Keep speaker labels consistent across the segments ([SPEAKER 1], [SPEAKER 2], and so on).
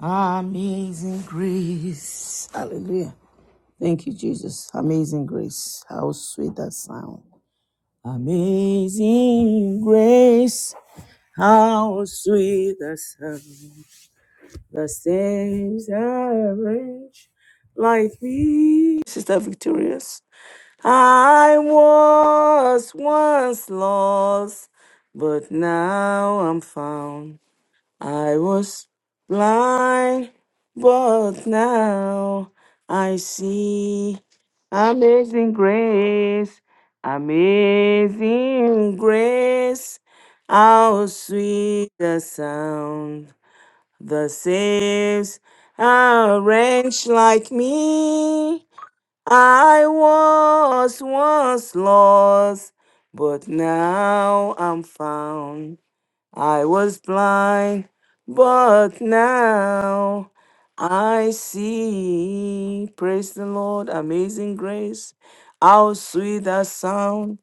[SPEAKER 1] Amazing grace. Hallelujah. Thank you, Jesus. Amazing grace. How sweet that sound. Amazing grace. How sweet the sound. The saves are rich like me. Sister Victorious. I was once lost, but now I'm found. I was blind, but now I see. Amazing grace, amazing grace. How sweet the sound that saves a wretch like me. I was once lost, but now I'm found. I was blind, but now I see. Praise the Lord, amazing grace. How sweet that sound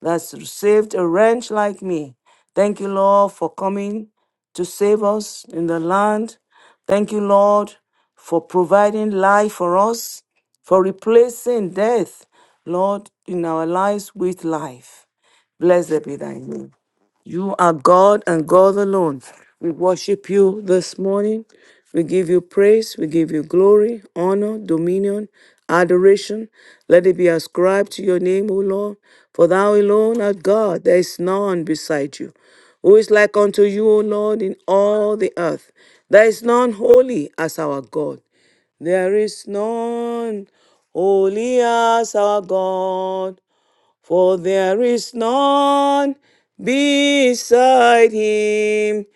[SPEAKER 1] that saved a wretch like me. Thank you, Lord, for coming to save us in the land. Thank you, Lord, for providing life for us, for replacing death, Lord, in our lives with life. Blessed be thy name. You are God and God alone. We worship you this morning. We give you praise. We give you glory, honor, dominion, adoration. Let it be ascribed to your name, O Lord. For thou alone art God. There is none beside you. Who is like unto you, O Lord, in all the earth? There is none holy as our God. There is none holy as our God for there is none beside him,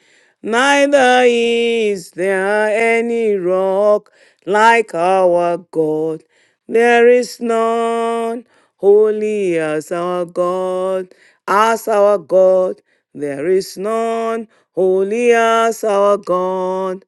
[SPEAKER 1] neither is there any rock like our God. There is none holy as our God, as our God. There is none holy as our God.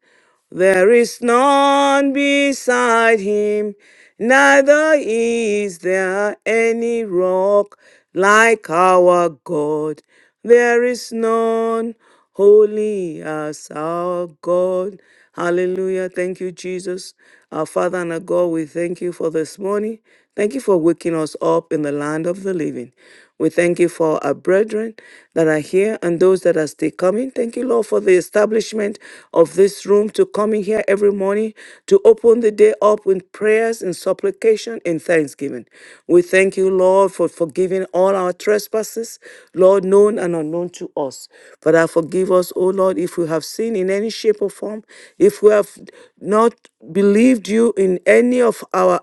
[SPEAKER 1] There is none beside him, neither is there any rock like our God. There is none holy as our God. Hallelujah. Thank you, Jesus. Our Father and our God, we thank you for this morning. Thank you for waking us up in the land of the living. We thank you for our brethren that are here and those that are still coming. Thank you, Lord, for the establishment of this room to come in here every morning to open the day up with prayers and supplication and thanksgiving. We thank you, Lord, for forgiving all our trespasses, Lord, known and unknown to us. Father, forgive us, O Lord, if we have sinned in any any shape or form, if we have not believed you in any of our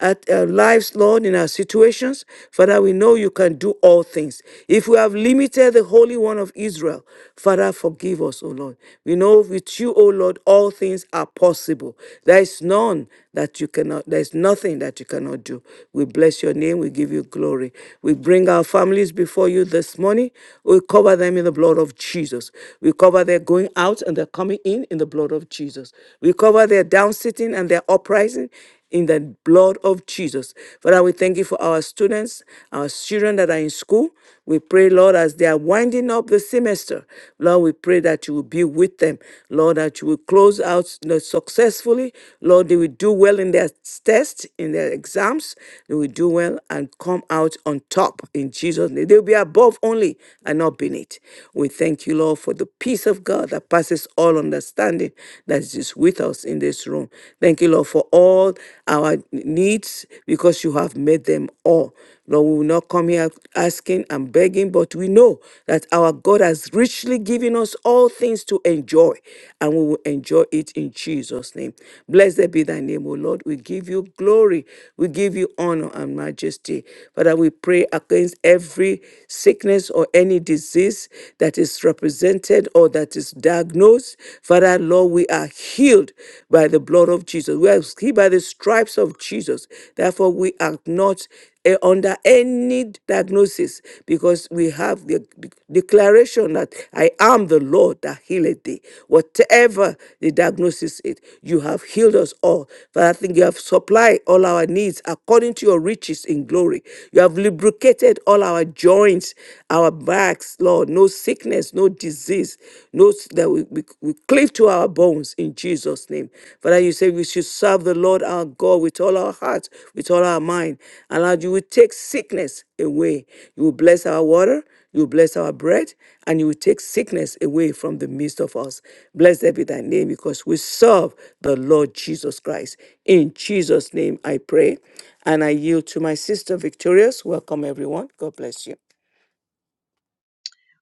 [SPEAKER 1] at our lives, Lord, in our situations, Father, we know you can do all things. If we have limited the Holy One of Israel, Father, forgive us, O Lord. We know with you, O Lord, all things are possible. There is none that you cannot, there is nothing that you cannot do. We bless your name, we give you glory. We bring our families before you this morning. We cover them in the blood of Jesus. We cover their their going out and they are coming in in the blood of Jesus. We cover their down sitting and their uprising in the blood of Jesus. Father, we thank you for our students, our children that are in school. We pray, Lord, as they are winding up the semester, Lord, we pray that you will be with them. Lord, that you will close out you know, successfully. Lord, they will do well in their tests, in their exams. They will do well and come out on top in Jesus' name. They will be above only and not beneath. We thank you, Lord. Lord, for the peace of God that passes all understanding that is just with us in this room. Thank you, Lord, for all our needs because you have made them all. Lord, we will not come here asking and begging, but we know that our God has richly given us all things to enjoy, and we will enjoy it in Jesus' name. Blessed be thy name, O Lord. We give you glory, we give you honor and majesty. Father, we pray against every sickness or any disease sickness that is represented or that is diagnosed. Father, Lord, we are healed by the blood of Jesus. We are healed by the stripes of Jesus. Therefore, we are not eh, under any diagnosis because we have the de- declaration that I am the Lord that healeth thee. Whatever the diagnosis is, you have healed us all. Father, I think you have supplied all our needs according to your riches in glory. You have lubricated all our joints, our backs, Lord, no sickness, no disease, no s- that we, we, we cleave to our bones in Jesus' name. Father, you say we should serve the Lord our God with all our heart, with all our mind. And Lord, you will take sickness away. You will bless our water, you will bless our bread, and you will take sickness away from the midst of us. Blessed be thy name, because we serve the Lord Jesus Christ. In Jesus' name I pray. And I yield to my sister Victorious. Welcome everyone. God bless you.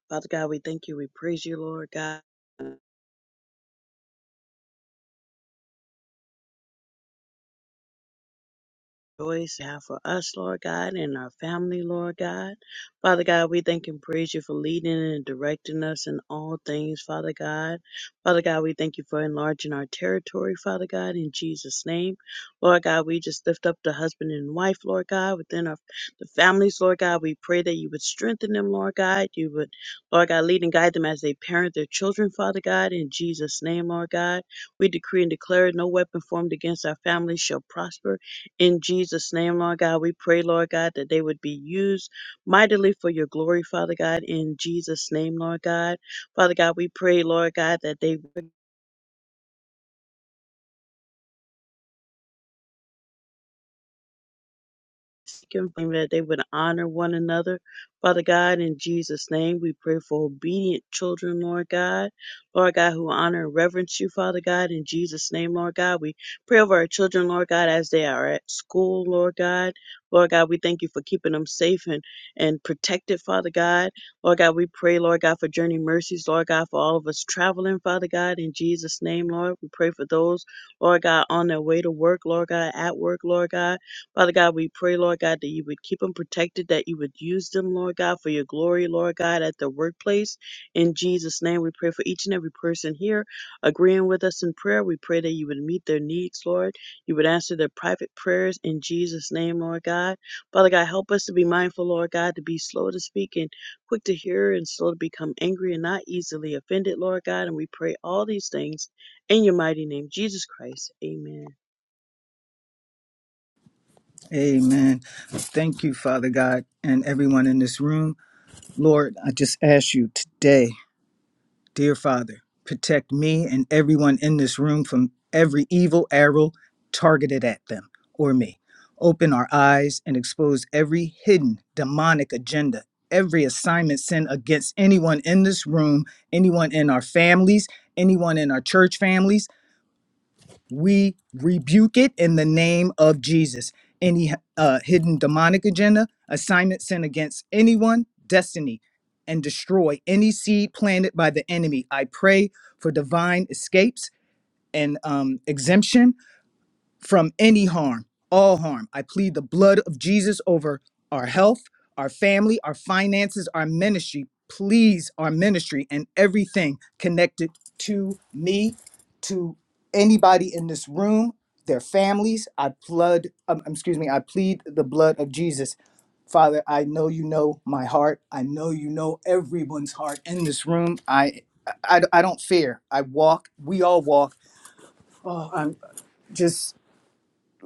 [SPEAKER 2] Father God, we thank you. We praise you, Lord God. Joys have for us, Lord God, and our family, Lord God. Father God, we thank and praise you for leading and directing us in all things, Father God. Father God, we thank you for enlarging our territory, Father God, in Jesus' name. Lord God, we just lift up the husband and wife, Lord God, within our the families, Lord God. We pray that you would strengthen them, Lord God. You would, Lord God, lead and guide them as they parent their children, Father God, in Jesus' name, Lord God. We decree and declare no weapon formed against our families shall prosper in Jesus' name, Lord God, we pray, Lord God, that they would be used mightily for your glory, Father God, in Jesus' name, Lord God. Father God, we pray, Lord God, that they seek Him, that they would honor one another. Father God, in Jesus' name, we pray for obedient children, Lord God. Lord God, who honor and reverence you, Father God, in Jesus' name, Lord God. We pray over our children, Lord God, as they are at school, Lord God. Lord God, we thank you for keeping them safe and, and protected, Father God. Lord God, we pray, Lord God, for journey mercies, Lord God, for all of us traveling, Father God, in Jesus' name, Lord. We pray for those, Lord God, on their way to work, Lord God, at work, Lord God. Father God, we pray, Lord God, that you would keep them protected, that you would use them, Lord God, for your glory, Lord God, at the workplace. In Jesus' name, we pray for each and every person here agreeing with us in prayer. We pray that you would meet their needs, Lord. You would answer their private prayers in Jesus' name, Lord God. Father God, help us to be mindful, Lord God, to be slow to speak and quick to hear and slow to become angry and not easily offended, Lord God. And we pray all these things in your mighty name, Jesus Christ. Amen.
[SPEAKER 3] Amen. Thank you, Father God, and everyone in this room. Lord, I just ask you today, dear Father, protect me and everyone in this room from every evil arrow targeted at them or me. Open our eyes and expose every hidden demonic agenda, every assignment sent against anyone in this room, anyone in our families, anyone in our church families we rebuke it in the name of Jesus. Any uh, hidden demonic agenda, assignment sent against anyone, destiny, and destroy any seed planted by the enemy. I pray for divine escapes and um, exemption from any harm, all harm. I plead the blood of Jesus over our health, our family, our finances, our ministry. Please, our ministry and everything connected to me, to anybody in this room, their families. I blood, um, excuse me, I plead the blood of Jesus. Father, I know you know my heart. I know you know everyone's heart in this room. I, I, I don't fear. I walk. We all walk. Oh, I'm just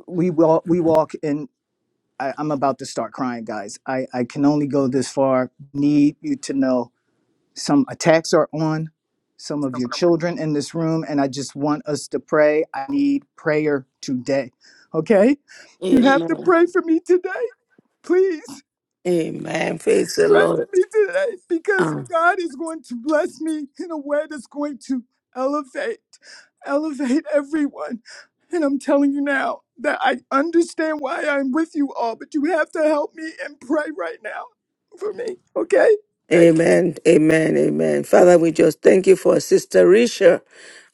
[SPEAKER 3] we walk we walk and I, i'm about to start crying guys i i can only go this far need you to know some attacks are on some of your children in this room and i just want us to pray i need prayer today okay you have to
[SPEAKER 1] Amen.
[SPEAKER 3] pray for me today please
[SPEAKER 1] Amen. Praise the
[SPEAKER 3] Pray
[SPEAKER 1] Lord.
[SPEAKER 3] for me today because
[SPEAKER 1] Ah,
[SPEAKER 3] God is going to bless me in a way that's going to elevate, elevate everyone. And I'm telling you now that I understand why I'm with you all, but you have to help me and pray right now for me. Okay? thank. you.
[SPEAKER 1] amen. Amen. Amen. Father, we just thank you for Sister Risha.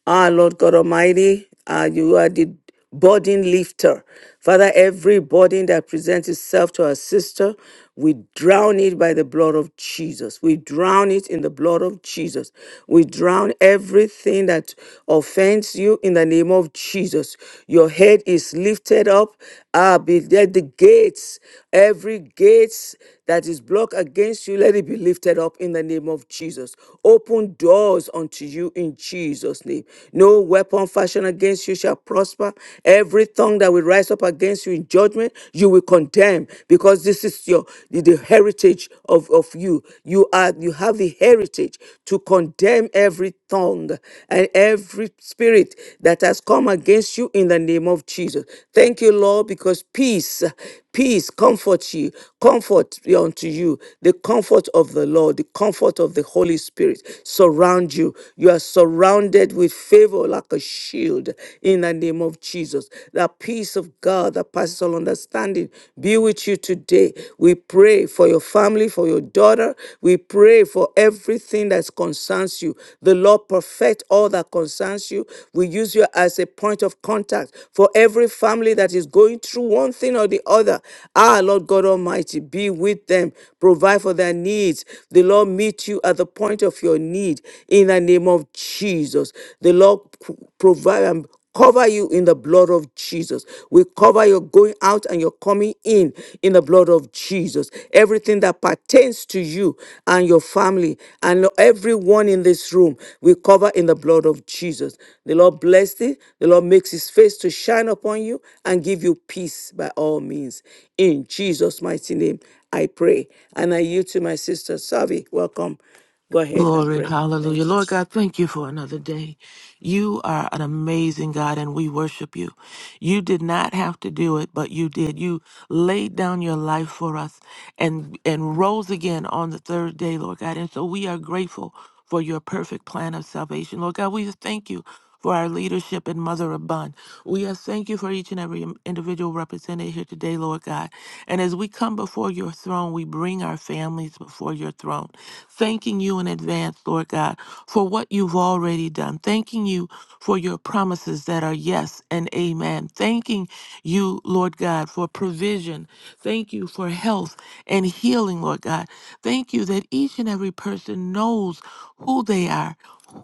[SPEAKER 1] Our Lord God Almighty, ah, you are the burden lifter. Father, every burden that presents itself to our sister, we drown it by the blood of Jesus. We drown it in the blood of Jesus. We drown everything that offends you in the name of Jesus. Your head is lifted up. Ah, be let the gates, every gates that is blocked against you, let it be lifted up in the name of Jesus. Open doors unto you in Jesus' name. No weapon fashioned against you shall prosper. Every tongue that will rise up against you in judgment, you will condemn, because this is your the, the heritage of, of you. You are you have the heritage to condemn every tongue and every spirit that has come against you in the name of Jesus. Thank you, Lord, because peace, peace comforts you, comfort be unto you, the comfort of the Lord, the comfort of the Holy Spirit surround you. You are surrounded with favor like a shield in the name of Jesus. The peace of God that passes all understanding be with you today. We pray for your family family, for your daughter. We pray for everything that concerns you. The Lord perfect all that concerns you. We use you as a point of contact for every family that is going through one thing or the other. Ah, Lord God Almighty, be with them. Provide for their needs. The Lord meet you at the point of your need in the name of Jesus. The Lord provide and cover you in the blood of Jesus. We cover your going out and your coming in in the blood of Jesus. Everything that pertains to you and your family and everyone in this room, we cover in the blood of Jesus. The Lord bless thee. The Lord makes his face to shine upon you and give you peace by all means. In Jesus' mighty name, I pray. And I yield to my sister, Savi. Welcome. Go ahead and
[SPEAKER 4] Glory,
[SPEAKER 1] pray.
[SPEAKER 4] hallelujah.
[SPEAKER 1] Thank you.
[SPEAKER 4] Lord God, thank you for another day. You are an amazing God and we worship you. You did not have to do it, but you did. You laid down your life for us and and rose again on the third day, Lord God. And so we are grateful for your perfect plan of salvation. Lord God, we thank you for our leadership in Mother Abund. We ask thank you for each and every im- individual represented here today, Lord God. And as we come before your throne, we bring our families before your throne, thanking you in advance, Lord God, for what you've already done, thanking you for your promises that are yes and amen, thanking you, Lord God, for provision, thank you for health and healing, Lord God. Thank you that each and every person knows who they are.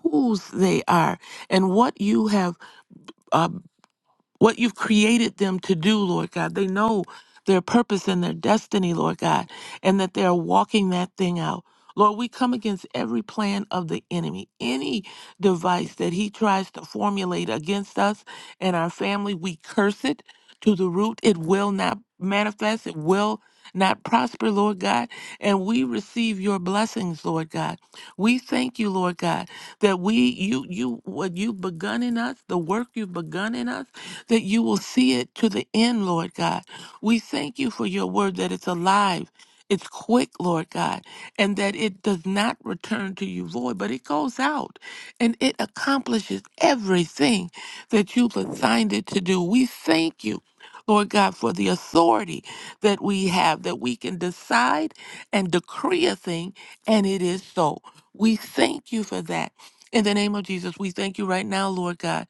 [SPEAKER 4] Whose they are and what you have uh, what you've created them to do, Lord God. They know their purpose and their destiny, Lord God, and that they are walking that thing out. Lord, we come against every plan of the enemy, any device that he tries to formulate against us and our family, we curse it to the root. It will not manifest, it will not prosper, Lord God. And we receive your blessings, Lord God. We thank you, Lord God, that we you you what you've begun in us, the work you've begun in us that you will see it to the end, Lord God. We thank you for your word that it's alive. It's quick, Lord God, and that it does not return to you void, but it goes out and it accomplishes everything that you've assigned it to do. We thank you, Lord God, for the authority that we have, that we can decide and decree a thing, and it is so. We thank you for that. In the name of Jesus, we thank you right now, Lord God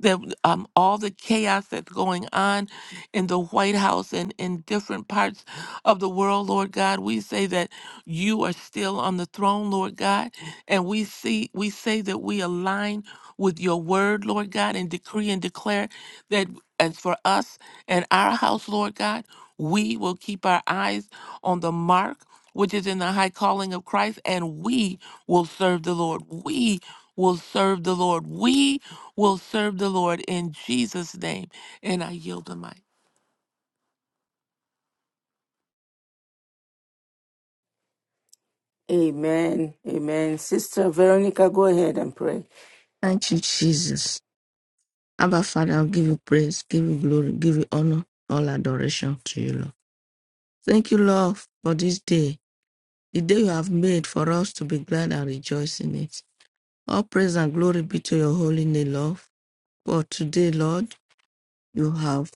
[SPEAKER 4] that um, all the chaos that's going on in the White House and in different parts of the world, Lord God, we say that you are still on the throne, Lord God, and we see we say that we align with your word, Lord God, and decree and declare that as for us and our house, Lord God, we will keep our eyes on the mark which is in the high calling of Christ, and we will serve the Lord. We will serve the Lord. We will serve the Lord in Jesus' name. And I yield the mic.
[SPEAKER 1] Amen. Amen. Sister Veronica, go ahead and pray.
[SPEAKER 5] Thank you, Jesus. Abba, Father, I'll give you praise, give you glory, give you honor, all adoration to you, Lord. Thank you, Lord, for this day, the day you have made for us to be glad and rejoice in it. All praise and glory be to your holy name, Lord. For today, Lord, you have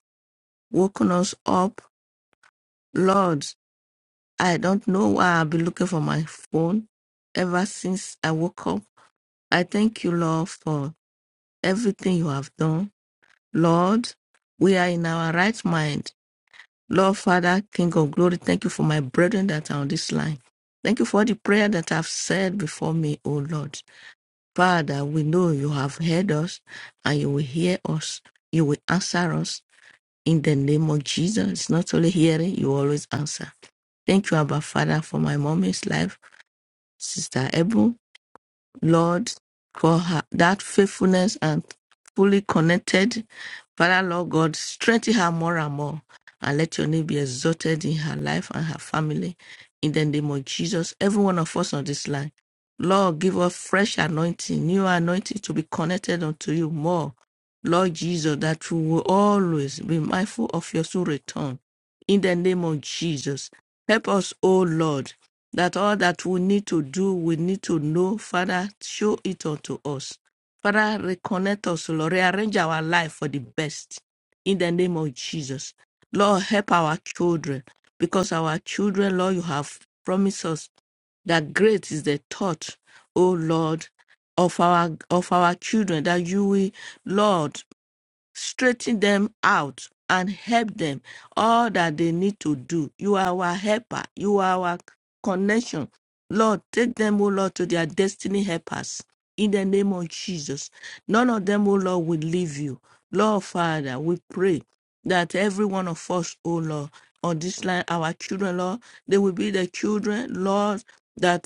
[SPEAKER 5] woken us up. Lord, I don't know why I've been looking for my phone ever since I woke up. I thank you, Lord, for everything you have done. Lord, we are in our right mind Lord Father, King of glory, thank you for my brethren that are on this line. Thank you for the prayer that I've said before me, O Lord. Father, we know you have heard us and you will hear us. You will answer us in the name of Jesus. Not only hearing, you always answer. Thank you, Abba Father, for my mommy's life, Sister Ebu, Lord, for her, that faithfulness and fully connected. Father, Lord God, strengthen her more and more and let your name be exalted in her life and her family. In the name of Jesus, every one of us on this line, Lord, give us fresh anointing, new anointing to be connected unto you more. Lord Jesus, that we will always be mindful of your soul return. In the name of Jesus, help us, O Lord, that all that we need to do, we need to know. Father, show it unto us. Father, reconnect us, Lord. Rearrange our life for the best. In the name of Jesus. Lord, help our children. Because our children, Lord, you have promised us that great is the thought, O Lord, of our of our children, that you will, Lord, straighten them out and help them all that they need to do. You are our helper. You are our connection. Lord, take them, O Lord, to their destiny helpers. In the name of Jesus. None of them, O Lord, will leave you. Lord Father, we pray that every one of us, O Lord, on this line, our children, Lord, they will be the children, Lord, that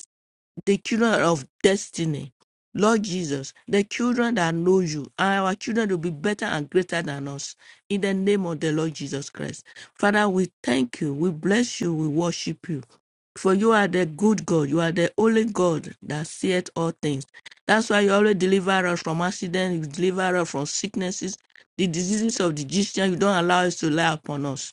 [SPEAKER 5] the children of destiny. Lord Jesus, the children that know you, and our children will be better and greater than us. In the name of the Lord Jesus Christ. Father, we thank you, we bless you, we worship you. For you are the good God, you are the only God that seeth all things. That's why you always deliver us from accidents, you deliver us from sicknesses, the diseases of the Egyptian, you don't allow us to lie upon us.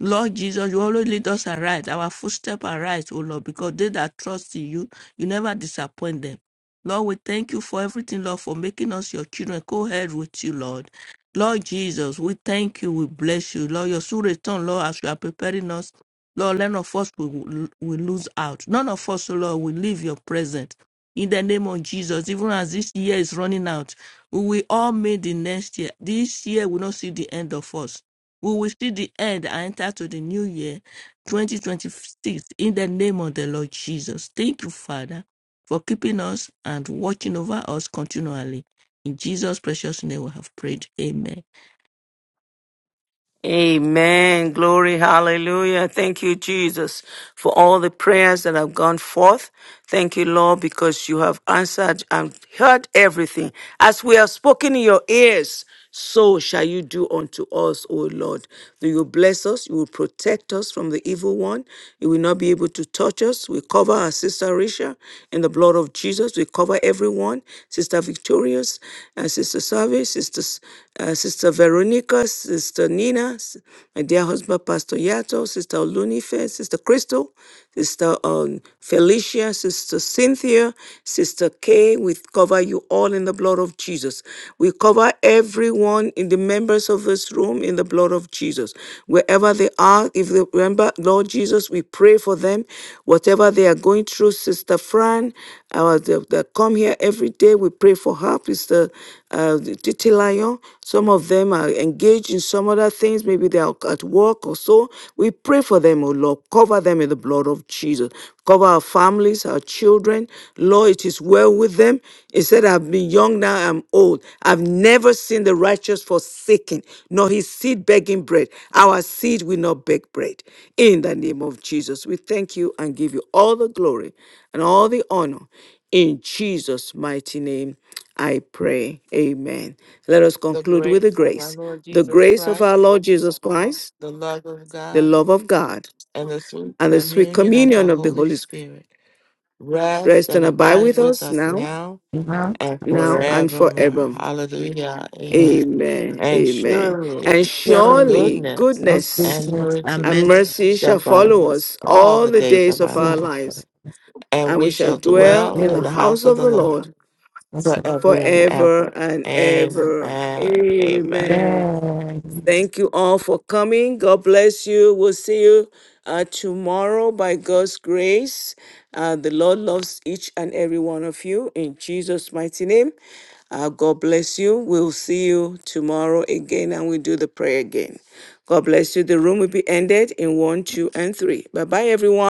[SPEAKER 5] Lord Jesus, you always lead us aright. Our footsteps are right, O Lord, because they that trust in you, you never disappoint them. Lord, we thank you for everything, Lord, for making us your children. Go ahead with you, Lord. Lord Jesus, we thank you. We bless you. Lord, your soon return, Lord, as you are preparing us. Lord, none of us will, will lose out. None of us, O Lord, will leave your presence. In the name of Jesus, even as this year is running out, we will all meet the next year. This year will not see the end of us. We will see the end and enter to the new year 2026 in the name of the Lord Jesus. Thank you, Father, for keeping us and watching over us continually. In Jesus' precious name we have prayed. Amen.
[SPEAKER 1] Amen. Glory. Hallelujah. Thank you, Jesus, for all the prayers that have gone forth. Thank you, Lord, because you have answered and heard everything. As we have spoken in your ears, so shall you do unto us, O Lord. You will bless us. You will protect us from the evil one. You will not be able to touch us. We cover our sister Risha in the blood of Jesus. Jesus. We cover everyone Sister Victorious, uh, Sister Savi, Sister, S- uh, Sister Veronica, Sister Nina, S- my dear husband, Pastor Yato, Sister Olunife, Sister Crystal, Sister um, Felicia, Sister Cynthia, Sister Kay. We cover you all in the blood of Jesus. We cover everyone in the members of this room in the blood of Jesus. Wherever they are, if they remember, Lord Jesus, we pray for them. Whatever they are going through, Sister Fran, our the, that come here every day, we pray for her. It's uh, Titi Lion. Some of them are engaged in some other things. Maybe they are at work or so. We pray for them, oh Lord. Cover them in the blood of Jesus. Cover our families, our children. Lord, it is well with them. He said, I've been young, now I'm old. I've never seen the righteous forsaken, nor his seed begging bread. Our seed will not beg bread. In the name of Jesus, we thank you and give you all the glory and all the honor. In Jesus' mighty name, I pray. Amen. Let us
[SPEAKER 4] The
[SPEAKER 1] conclude with the
[SPEAKER 4] grace of our
[SPEAKER 1] grace.
[SPEAKER 4] Lord
[SPEAKER 1] The
[SPEAKER 4] Jesus
[SPEAKER 1] grace of our
[SPEAKER 4] Christ,
[SPEAKER 1] Lord Jesus Christ,
[SPEAKER 4] the love of
[SPEAKER 1] the
[SPEAKER 4] God,
[SPEAKER 1] love of God,
[SPEAKER 4] and the sweet
[SPEAKER 1] and the sweet
[SPEAKER 4] communion of the
[SPEAKER 1] communion of the
[SPEAKER 4] Holy
[SPEAKER 1] Holy Spirit
[SPEAKER 4] Spirit rest
[SPEAKER 1] rest
[SPEAKER 4] and
[SPEAKER 1] and abide
[SPEAKER 4] abide
[SPEAKER 1] with
[SPEAKER 4] with
[SPEAKER 1] us
[SPEAKER 4] us
[SPEAKER 1] now,
[SPEAKER 4] now
[SPEAKER 5] Now,
[SPEAKER 4] and
[SPEAKER 5] I'm
[SPEAKER 1] now,
[SPEAKER 5] sorry.
[SPEAKER 1] and
[SPEAKER 4] forevermore.
[SPEAKER 1] forever.
[SPEAKER 4] Hallelujah. Amen.
[SPEAKER 1] Amen.
[SPEAKER 4] And
[SPEAKER 1] Amen. And
[SPEAKER 4] surely
[SPEAKER 5] Yeah,
[SPEAKER 1] surely
[SPEAKER 4] goodness
[SPEAKER 5] those two
[SPEAKER 1] goodness
[SPEAKER 4] and
[SPEAKER 5] things.
[SPEAKER 4] mercy
[SPEAKER 1] and
[SPEAKER 5] Amen.
[SPEAKER 1] mercy shall
[SPEAKER 4] shall follow
[SPEAKER 1] follow
[SPEAKER 4] us
[SPEAKER 1] us
[SPEAKER 4] all
[SPEAKER 1] all
[SPEAKER 4] the
[SPEAKER 1] the
[SPEAKER 4] days
[SPEAKER 1] days
[SPEAKER 4] of
[SPEAKER 1] of
[SPEAKER 4] our
[SPEAKER 1] our
[SPEAKER 4] life,
[SPEAKER 5] Jesus,
[SPEAKER 1] lives,
[SPEAKER 4] and
[SPEAKER 1] and we
[SPEAKER 4] we
[SPEAKER 1] shall
[SPEAKER 4] shall
[SPEAKER 1] dwell
[SPEAKER 4] dwell
[SPEAKER 1] in the
[SPEAKER 4] in
[SPEAKER 5] Jesus,
[SPEAKER 4] the
[SPEAKER 1] house
[SPEAKER 4] house of
[SPEAKER 1] of
[SPEAKER 4] the
[SPEAKER 1] the
[SPEAKER 4] Lord
[SPEAKER 1] Lord
[SPEAKER 5] I said,
[SPEAKER 4] forever and ever.
[SPEAKER 1] forever and ever.
[SPEAKER 4] Amen. Amen.
[SPEAKER 1] Amen.
[SPEAKER 5] yeah.
[SPEAKER 1] Thank you all for coming. God bless you. We'll see you uh, tomorrow by God's grace. Uh, the Lord loves each and every one of you in Jesus' mighty name. Uh, God bless you. We'll see you tomorrow again and we do the prayer again. God bless you. The room will be ended in one, two, and three. Bye bye, everyone.